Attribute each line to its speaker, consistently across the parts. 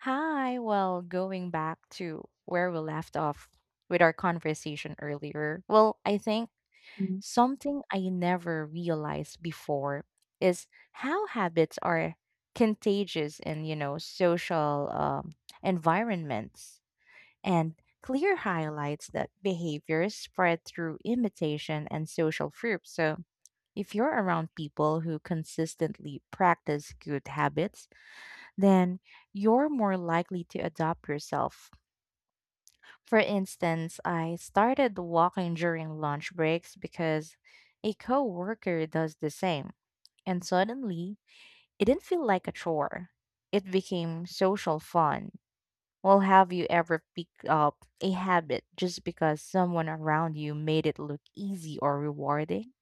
Speaker 1: Hi. Well, going back to where we left off with our conversation earlier, well, I think
Speaker 2: Mm.
Speaker 1: something I never realized before is how habits are contagious in, you know, social environments. And clear highlights that behaviors spread through imitation and social proof. So if you're around people who consistently practice good habits, then you're more likely to adopt yourself. For instance, I started walking during lunch breaks because a coworker does the same, and suddenly it didn't feel like a chore. It became social fun. Well, have you ever picked up a habit just because someone around you made it look easy or rewarding?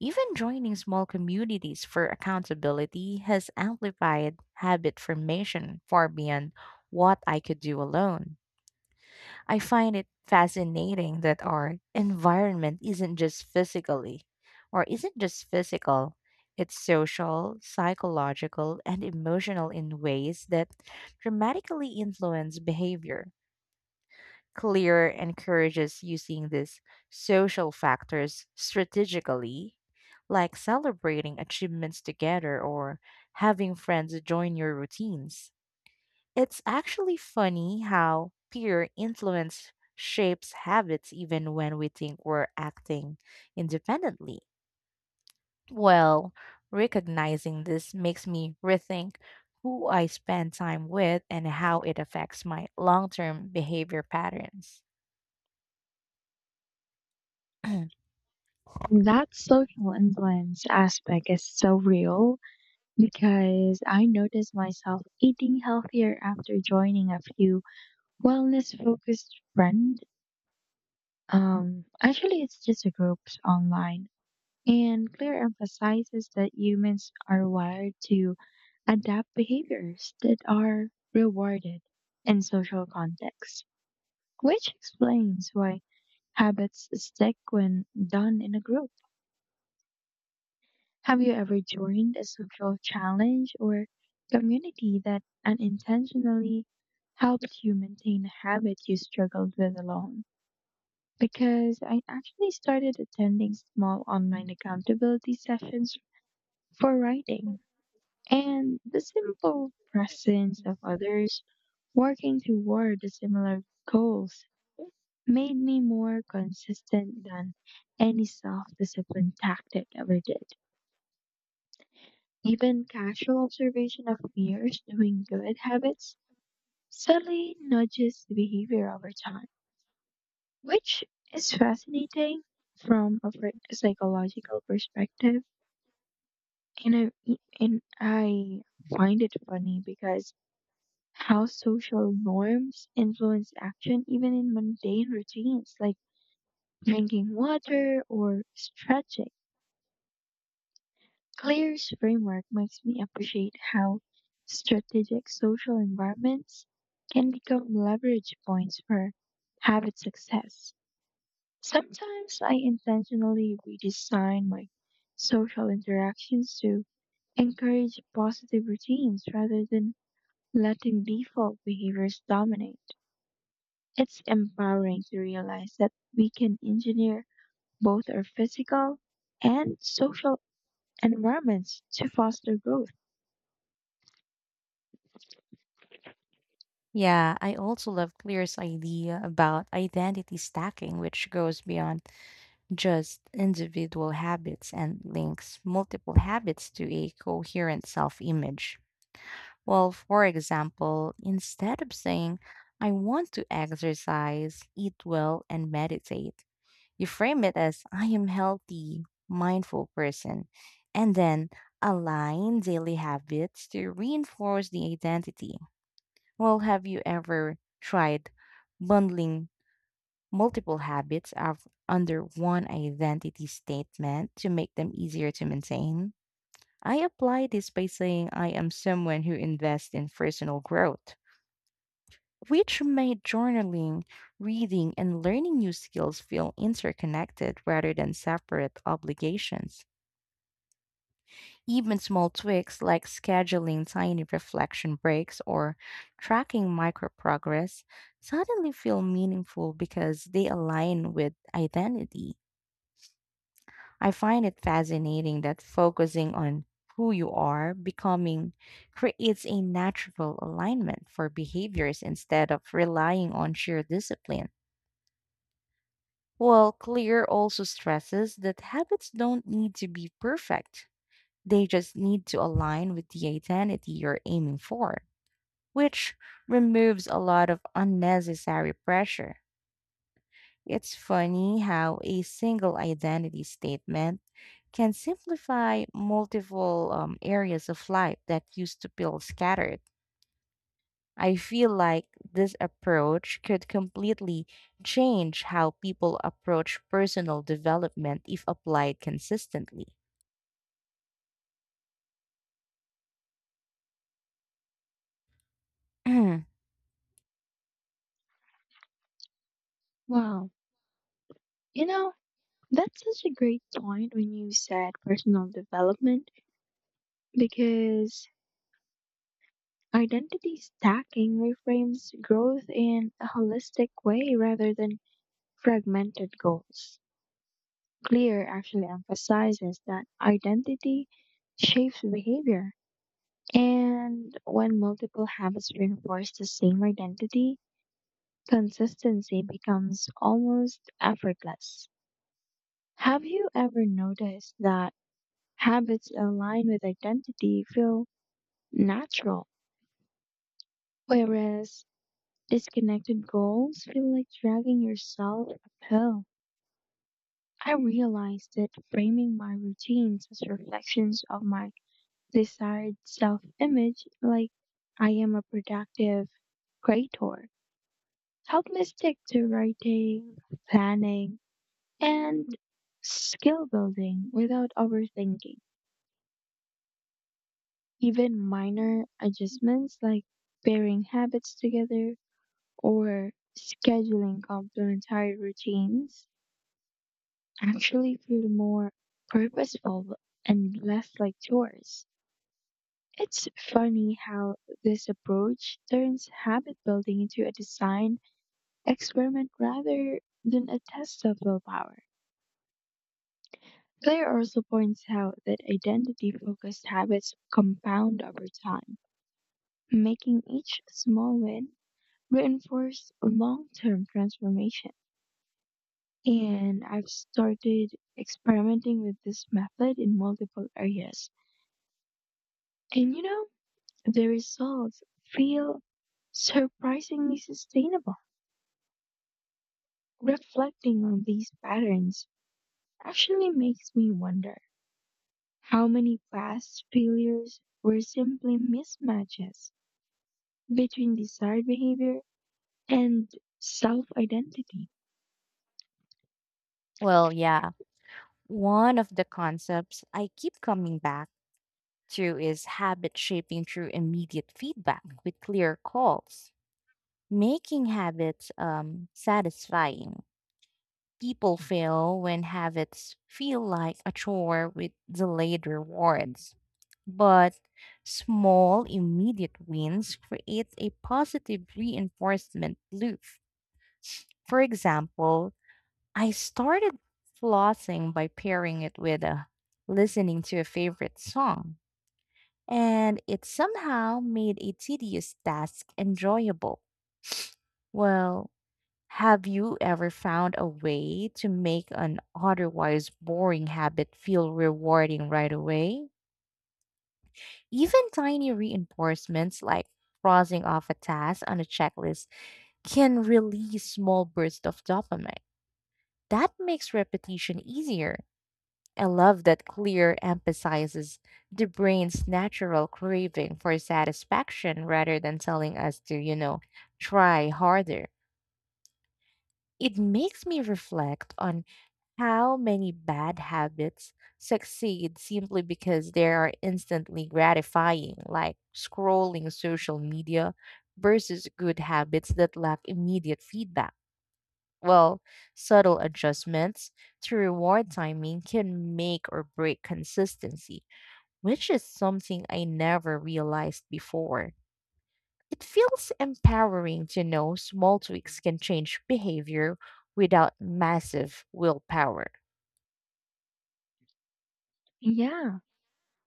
Speaker 1: Even joining small communities for accountability has amplified habit formation far beyond what I could do alone. I find it fascinating that our environment isn't just physical, it's social, psychological, and emotional in ways that dramatically influence behavior. Clear encourages using these social factors strategically, like celebrating achievements together or having friends join your routines. It's actually funny how peer influence shapes habits even when we think we're acting independently. Well, recognizing this makes me rethink who I spend time with and how it affects my long term behavior patterns.
Speaker 2: That social influence aspect is so real because I noticed myself eating healthier after joining a few wellness focused friends. Actually, it's just a groups online. And Claire emphasizes that humans are wired to adapt behaviors that are rewarded in social contexts, which explains why habits stick when done in a group. Have you ever joined a social challenge or community that unintentionally helped you maintain a habit you struggled with alone? Because I actually started attending small online accountability sessions for writing, and the simple presence of others working toward the similar goals made me more consistent than any self discipline tactic ever did. Even casual observation of peers doing good habits subtly nudges the behavior over time, which is fascinating from a psychological perspective. And I find it funny because how social norms influence action even in mundane routines like drinking water or stretching. Claire's framework makes me appreciate how strategic social environments can become leverage points for habit success. Sometimes I intentionally redesign my social interactions to encourage positive routines rather than letting default behaviors dominate. It's empowering to realize that we can engineer both our physical and social environments to foster growth.
Speaker 1: Yeah, I also love Clear's idea about identity stacking, which goes beyond just individual habits and links multiple habits to a coherent self image. Well, for example, instead of saying, I want to exercise, eat well, and meditate, you frame it as, I am healthy, mindful person, and then align daily habits to reinforce the identity. Well, have you ever tried bundling multiple habits of under one identity statement to make them easier to maintain? I apply this by saying I am someone who invests in personal growth, which made journaling, reading, and learning new skills feel interconnected rather than separate obligations. Even small tweaks like scheduling tiny reflection breaks or tracking micro progress suddenly feel meaningful because they align with identity. I find it fascinating that focusing on who you are becoming creates a natural alignment for behaviors instead of relying on sheer discipline. While Clear also stresses that habits don't need to be perfect. They just need to align with the identity you're aiming for, which removes a lot of unnecessary pressure. It's funny how a single identity statement can simplify multiple areas of life that used to feel scattered. I feel like this approach could completely change how people approach personal development if applied consistently.
Speaker 2: Wow. You know, that's such a great point when you said personal development because identity stacking reframes growth in a holistic way rather than fragmented goals. Clear actually emphasizes that identity shapes behavior. And when multiple habits reinforce the same identity, consistency becomes almost effortless. Have you ever noticed that habits aligned with identity feel natural, whereas disconnected goals feel like dragging yourself uphill? I realized that framing my routines as reflections of my desired self image, like I am a productive creator, helped me stick to writing, planning, and skill building without overthinking. Even minor adjustments like pairing habits together or scheduling complementary routines actually feel more purposeful and less like chores. It's funny how this approach turns habit building into a design experiment rather than a test of willpower. Claire also points out that identity focused habits compound over time, making each small win reinforce long term transformation. And I've started experimenting with this method in multiple areas. And you know, the results feel surprisingly sustainable. Reflecting on these patterns actually makes me wonder how many past failures were simply mismatches between desired behavior and self identity.
Speaker 1: Well, yeah, one of the concepts I keep coming back to is habit shaping through immediate feedback with clear calls, making habits satisfying. People fail when habits feel like a chore with delayed rewards. But small, immediate wins create a positive reinforcement loop. For example, I started flossing by pairing it with listening to a favorite song, and it somehow made a tedious task enjoyable. Well, have you ever found a way to make an otherwise boring habit feel rewarding right away? Even tiny reinforcements like crossing off a task on a checklist can release small bursts of dopamine. That makes repetition easier. I love that clear emphasizes the brain's natural craving for satisfaction rather than telling us to, you know, try harder. It makes me reflect on how many bad habits succeed simply because they are instantly gratifying, like scrolling social media, versus good habits that lack immediate feedback. Well, subtle adjustments to reward timing can make or break consistency, which is something I never realized before. It feels empowering to know small tweaks can change behavior without massive willpower.
Speaker 2: Yeah,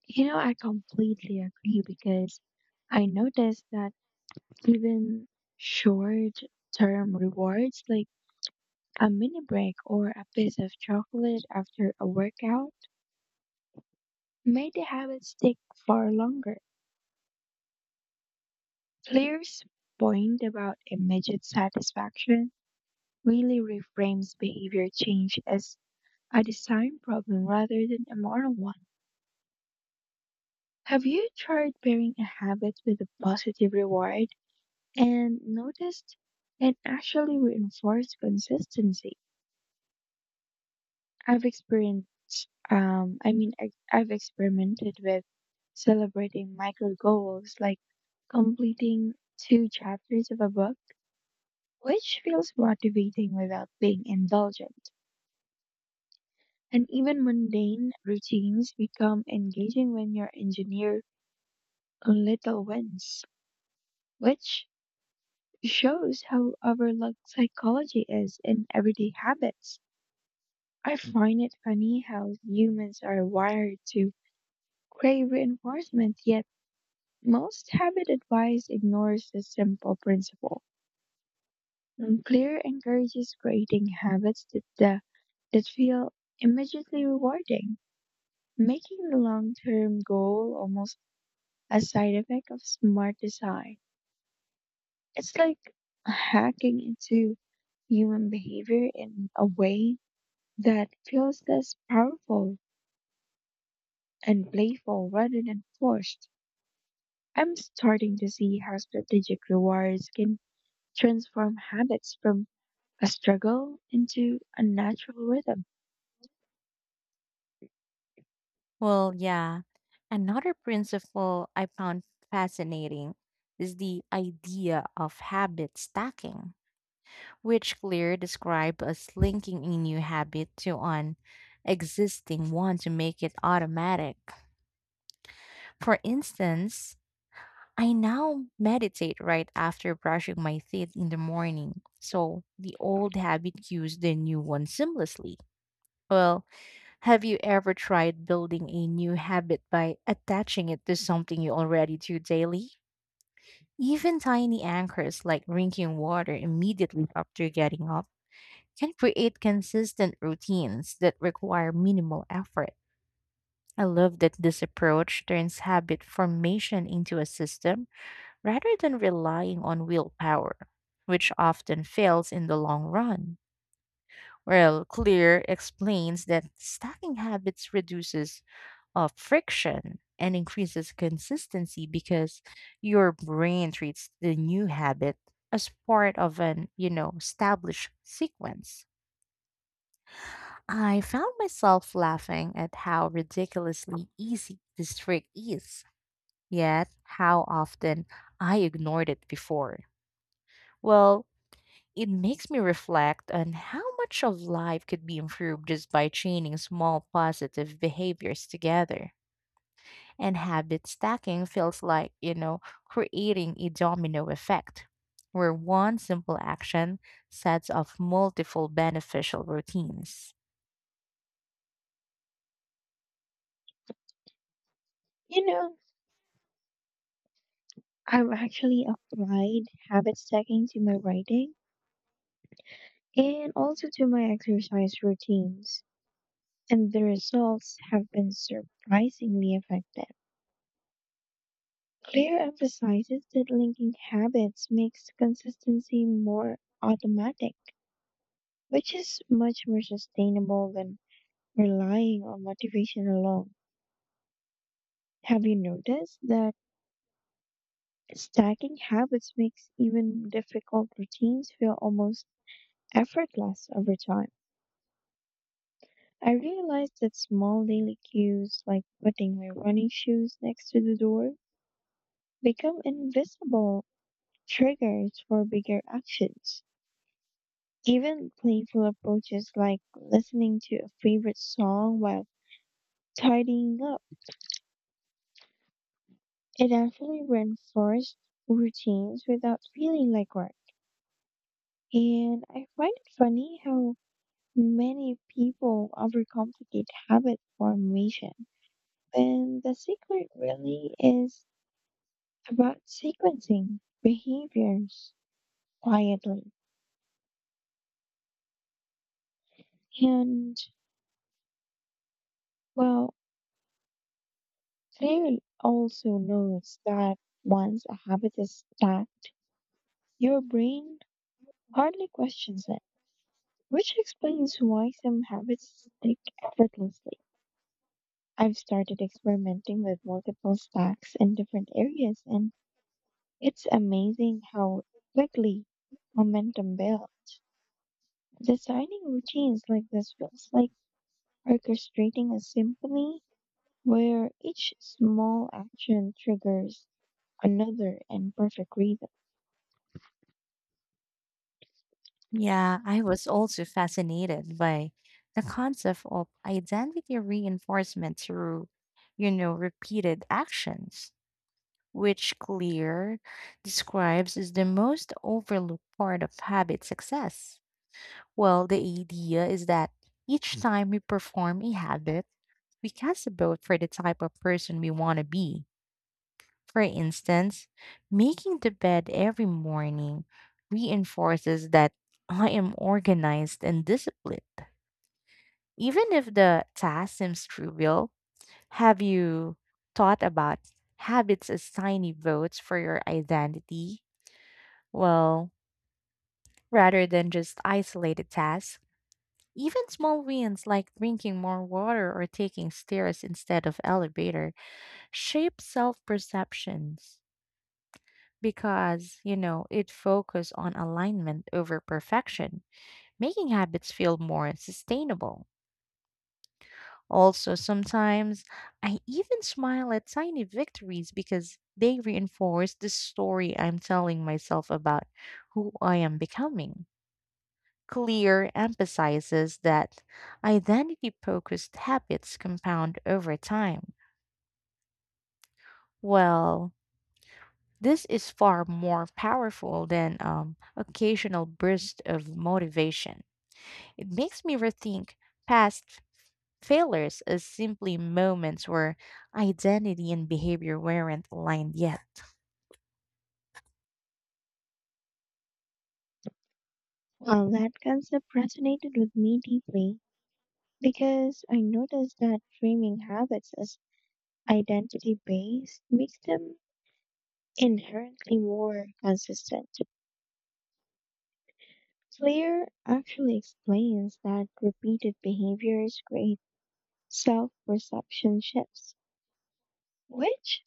Speaker 2: you know, I completely agree because I noticed that even short term rewards like a mini break or a piece of chocolate after a workout made the habit stick far longer. Claire's point about immediate satisfaction really reframes behavior change as a design problem rather than a moral one. Have you tried pairing a habit with a positive reward and noticed it actually reinforced consistency? I've experienced, I mean, I, I've experimented with celebrating micro goals like completing two chapters of a book, which feels motivating without being indulgent. And even mundane routines become engaging when you're engineered on little wins, which shows how overlooked psychology is in everyday habits. I find it funny how humans are wired to crave reinforcement, yet most habit advice ignores this simple principle. Clear encourages creating habits that feel immediately rewarding, making the long term goal almost a side effect of smart design. It's like hacking into human behavior in a way that feels less powerful and playful rather than forced. I'm starting to see how strategic rewards can transform habits from a struggle into a natural rhythm.
Speaker 1: Well, yeah. Another principle I found fascinating is the idea of habit stacking, which Clear described as linking a new habit to an existing one to make it automatic. For instance, I now meditate right after brushing my teeth in the morning, so the old habit cues the new one seamlessly. Well, have you ever tried building a new habit by attaching it to something you already do daily? Even tiny anchors like drinking water immediately after getting up can create consistent routines that require minimal effort. I love that this approach turns habit formation into a system rather than relying on willpower, which often fails in the long run. Well, Clear explains that stacking habits reduces friction and increases consistency because your brain treats the new habit as part of an, you know, established sequence. I found myself laughing at how ridiculously easy this trick is, yet how often I ignored it before. Well, it makes me reflect on how much of life could be improved just by chaining small positive behaviors together. And habit stacking feels like, you know, creating a domino effect, where one simple action sets off multiple beneficial routines.
Speaker 2: You know, I've actually applied habit stacking to my writing and also to my exercise routines, and the results have been surprisingly effective. Clear emphasizes that linking habits makes consistency more automatic, which is much more sustainable than relying on motivation alone. Have you noticed that stacking habits makes even difficult routines feel almost effortless over time? I realized that small daily cues like putting my running shoes next to the door become invisible triggers for bigger actions. Even playful approaches like listening to a favorite song while tidying up, it actually reinforced routines without feeling like work. And I find it funny how many people overcomplicate habit formation when the secret really is about sequencing behaviors quietly. And, well, Clear also notes that once a habit is stacked, your brain hardly questions it, which explains why some habits stick effortlessly. I've started experimenting with multiple stacks in different areas, and it's amazing how quickly momentum builds. Designing routines like this feels like orchestrating a symphony where each small action triggers another in perfect rhythm.
Speaker 1: Yeah, I was also fascinated by the concept of identity reinforcement through, you know, repeated actions, which Clear describes as the most overlooked part of habit success. Well, the idea is that each time we perform a habit, we cast a vote for the type of person we want to be. For instance, making the bed every morning reinforces that I am organized and disciplined. Even if the task seems trivial, have you thought about habits as tiny votes for your identity? Well, rather than just isolated tasks, even small wins like drinking more water or taking stairs instead of elevator shape self-perceptions because, you know, it focuses on alignment over perfection, making habits feel more sustainable. Also, sometimes I even smile at tiny victories because they reinforce the story I'm telling myself about who I am becoming. Clear emphasizes that identity focused habits compound over time. Well, this is far more powerful than occasional bursts of motivation. It makes me rethink past failures as simply moments where identity and behavior weren't aligned yet.
Speaker 2: Well, that concept resonated with me deeply because I noticed that framing habits as identity based makes them inherently more consistent. Clear actually explains that repeated behaviors create self perception shifts, which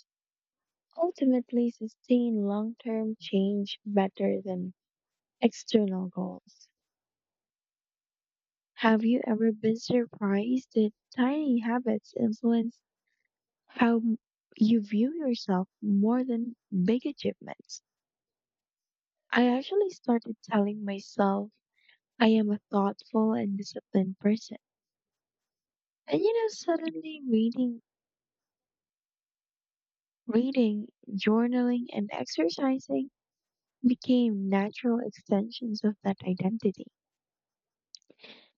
Speaker 2: ultimately sustain long term change better than external goals. Have you ever been surprised that tiny habits influence how you view yourself more than big achievements? I actually started telling myself I am a thoughtful and disciplined person. And you know, suddenly reading, journaling, and exercising became natural extensions of that identity.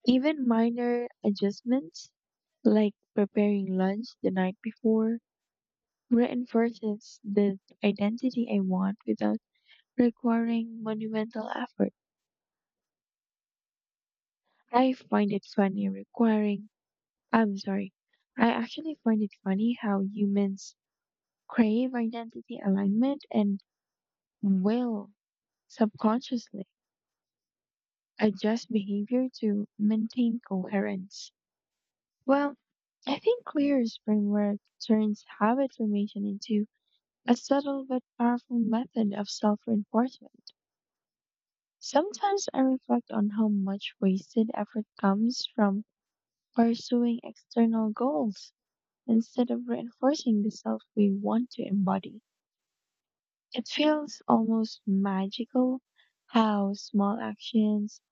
Speaker 2: Even minor adjustments, like preparing lunch the night before, reinforces the identity I want without requiring monumental effort. I find it funny requiring, I'm sorry, I actually find it funny how humans crave identity alignment and will subconsciously adjust behavior to maintain coherence. Well, I think Clear's framework turns habit formation into a subtle but powerful method of self reinforcement. Sometimes I reflect on how much wasted effort comes from pursuing external goals instead of reinforcing the self we want to embody. It feels almost magical how small actions,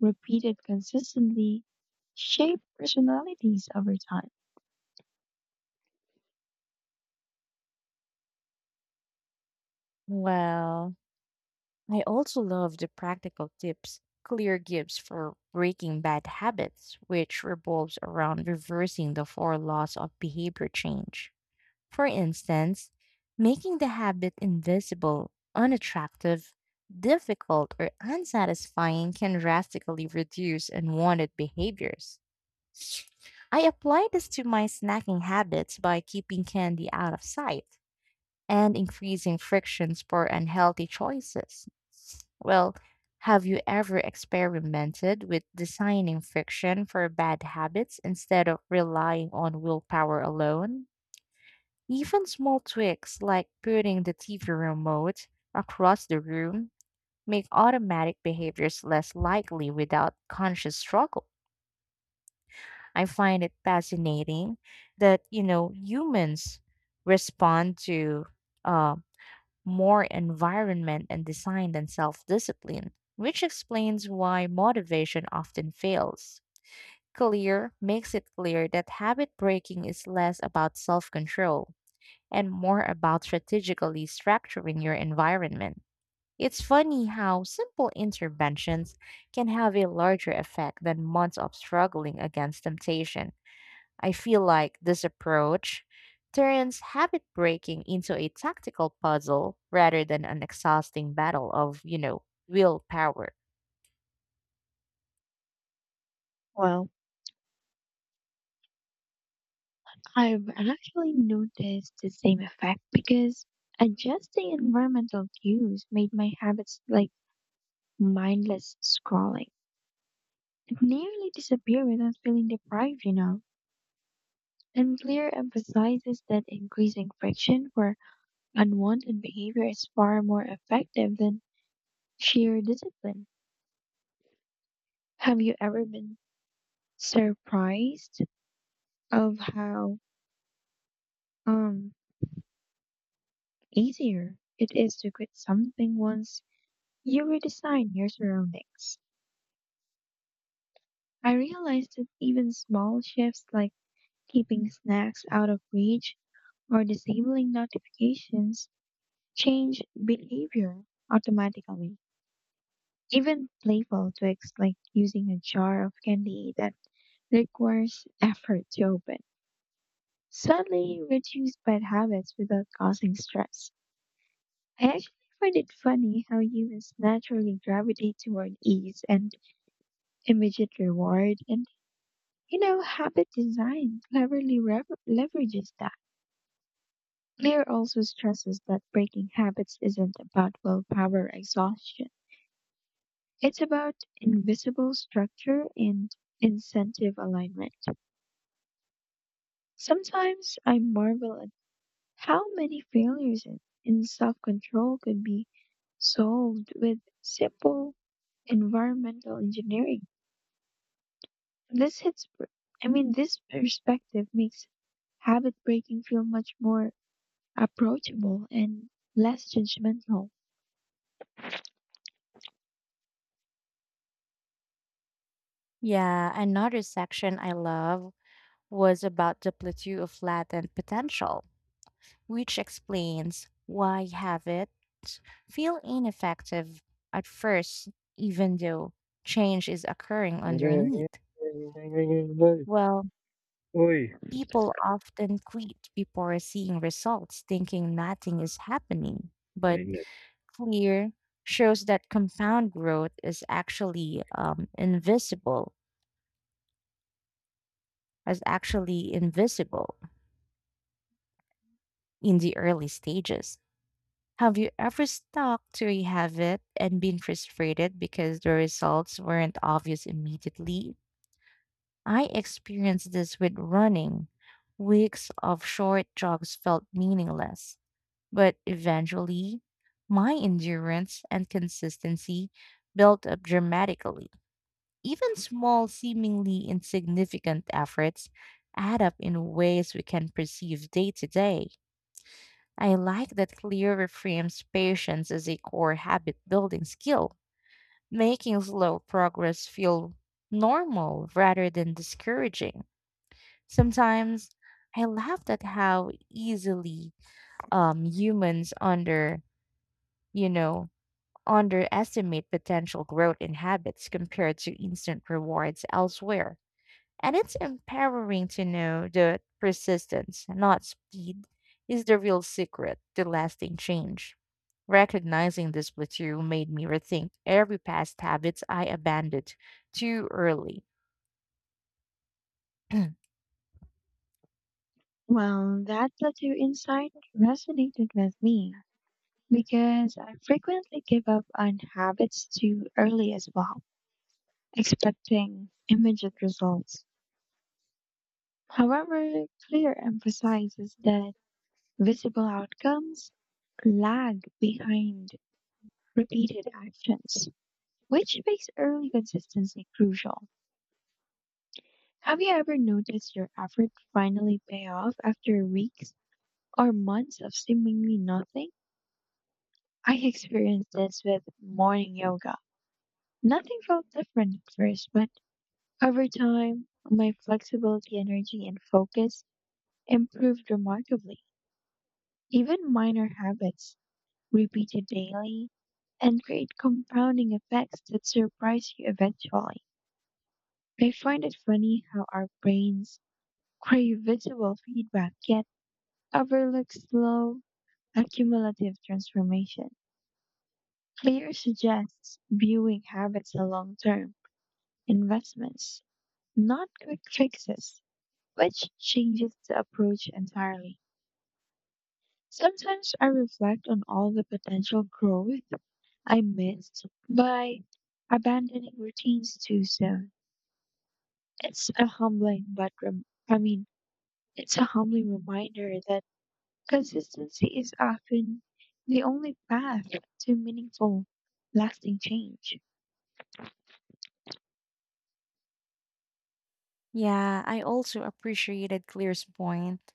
Speaker 2: repeated consistently, shape personalities over time.
Speaker 1: Well, I also love the practical tips Clear gives for breaking bad habits, which revolves around reversing the four laws of behavior change. For instance, making the habit invisible, unattractive, difficult, or unsatisfying can drastically reduce unwanted behaviors. I apply this to my snacking habits by keeping candy out of sight and increasing frictions for unhealthy choices. Well, have you ever experimented with designing friction for bad habits instead of relying on willpower alone? Even small tweaks like putting the TV remote across the room make automatic behaviors less likely without conscious struggle. I find it fascinating that, you know, humans respond to uh, more environment and design than self discipline, which explains why motivation often fails. Clear makes it clear that habit breaking is less about self control and more about strategically structuring your environment. It's funny how simple interventions can have a larger effect than months of struggling against temptation. I feel like this approach turns habit breaking into a tactical puzzle rather than an exhausting battle of, you know, willpower.
Speaker 2: Well, I've actually noticed the same effect because adjusting environmental cues made my habits like mindless scrolling. It nearly disappeared without feeling deprived, you know. And Clear emphasizes that increasing friction for unwanted behavior is far more effective than sheer discipline. Have you ever been surprised of how um easier it is to quit something once you redesign your surroundings? I realized that even small shifts like keeping snacks out of reach or disabling notifications change behavior automatically. Even playful tweaks like using a jar of candy that requires effort to open suddenly reduce bad habits without causing stress. I actually find it funny how humans naturally gravitate toward ease and immediate reward, and you know, habit design cleverly leverages that. Lear also stresses that breaking habits isn't about willpower exhaustion. It's about invisible structure and incentive alignment. Sometimes I marvel at how many failures in self control could be solved with simple environmental engineering. This hits, per- I mean, this perspective makes habit breaking feel much more approachable and less judgmental.
Speaker 1: Yeah, another section I love was about the plateau of latent potential, which explains why habits feel ineffective at first, even though change is occurring
Speaker 2: Uy.
Speaker 1: underneath. Well,
Speaker 2: Naiinip.
Speaker 1: people often quit before seeing results, thinking nothing is happening. But clear shows that compound growth is actually invisible in the early stages. Have you ever stuck to a habit and been frustrated because the results weren't obvious immediately? I experienced this with running. Weeks of short jogs felt meaningless, but eventually, my endurance and consistency built up dramatically. Even small, seemingly insignificant efforts add up in ways we can perceive day to day. I like that Clear reframes patience as a core habit building skill, making slow progress feel normal rather than discouraging. Sometimes I laughed at how easily humans under, you know, underestimate potential growth in habits compared to instant rewards elsewhere. And it's empowering to know that persistence, not speed, is the real secret to lasting change. Recognizing this plateau made me rethink every past habits I abandoned too early.
Speaker 2: Well, that tattoo insight resonated with me because I frequently give up on habits too early as well, expecting immediate results. However, clear emphasizes that visible outcomes lag behind repeated actions, which makes early consistency crucial. Have you ever noticed your effort finally pay off after weeks or months of seemingly nothing? I experienced this with morning yoga. Nothing felt different at first, but over time, my flexibility, energy, and focus improved remarkably. Even minor habits repeated daily and create compounding effects that surprise you eventually. I find it funny how our brains crave visual feedback yet overlook slow, accumulative transformation. Clear suggests viewing habits as long term investments, not quick fixes, which changes the approach entirely. Sometimes I reflect on all the potential growth I missed by abandoning routines too soon. It's a humbling, but rem- I mean, it's a humbling reminder that consistency is often the only path to meaningful, lasting change.
Speaker 1: Yeah, I also appreciated Claire's point,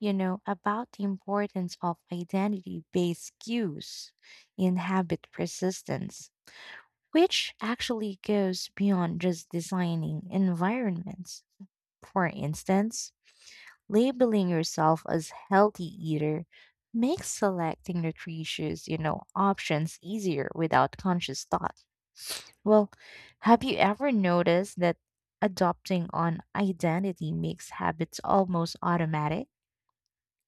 Speaker 1: you know, about the importance of identity based cues in habit persistence, which actually goes beyond just designing environments. For instance, labeling yourself as healthy eater makes selecting nutritious, you know, options easier without conscious thought. Well, have you ever noticed that adopting an identity makes habits almost automatic?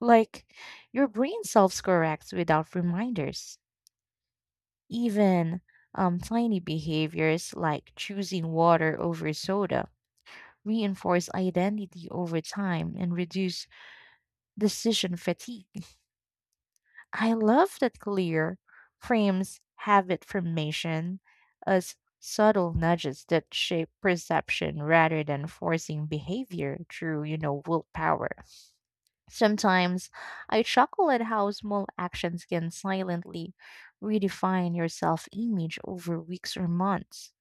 Speaker 1: Like your brain self-corrects without reminders. Even tiny behaviors like choosing water over soda reinforce identity over time and reduce decision fatigue. I love that Clear frames habit formation as subtle nudges that shape perception rather than forcing behavior through, you know, willpower. Sometimes I chuckle at how small actions can silently redefine your self image over weeks or months.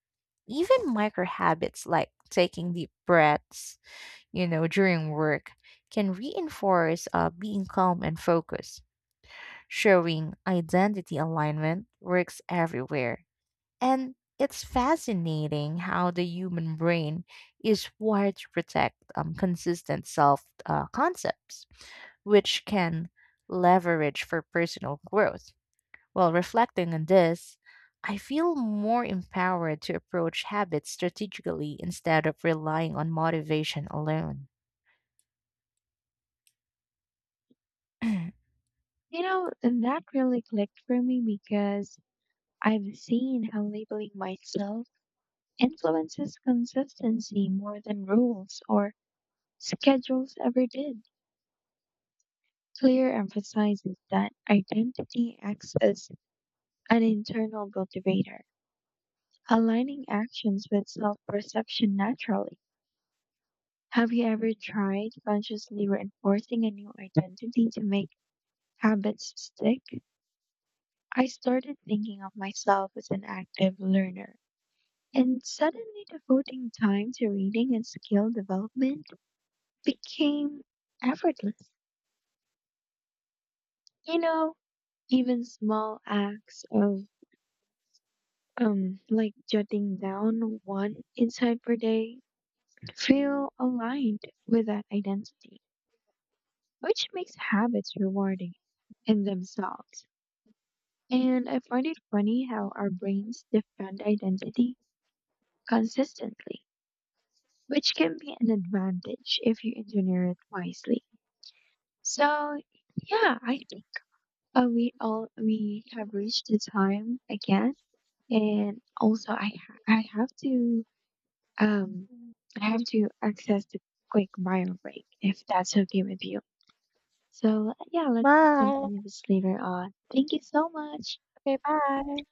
Speaker 1: Even micro habits like taking deep breaths, you know, during work can reinforce being calm and focused, showing identity alignment works everywhere. And it's fascinating how the human brain is wired to protect consistent self concepts, which can leverage for personal growth. While reflecting on this, I feel more empowered to approach habits strategically instead of relying on motivation alone.
Speaker 2: You know, and that really clicked for me because I've seen how labeling myself influences consistency more than rules or schedules ever did. Clear emphasizes that identity acts as an internal motivator, aligning actions with self perception naturally. Have you ever tried consciously reinforcing a new identity to make habits stick? I started thinking of myself as an active learner, and suddenly devoting time to reading and skill development became effortless. You know, even small acts of like jotting down one insight per day feel aligned with that identity, which makes habits rewarding in themselves. And I find it funny how our brains defend identity consistently, which can be an advantage if you engineer it wisely. So yeah, I think we have reached the time again, and also I have to um I have to access the quick bio break if that's okay with you. So yeah, let's just
Speaker 1: Bye.
Speaker 2: continue this later on. Thank you so much.
Speaker 1: Okay, bye.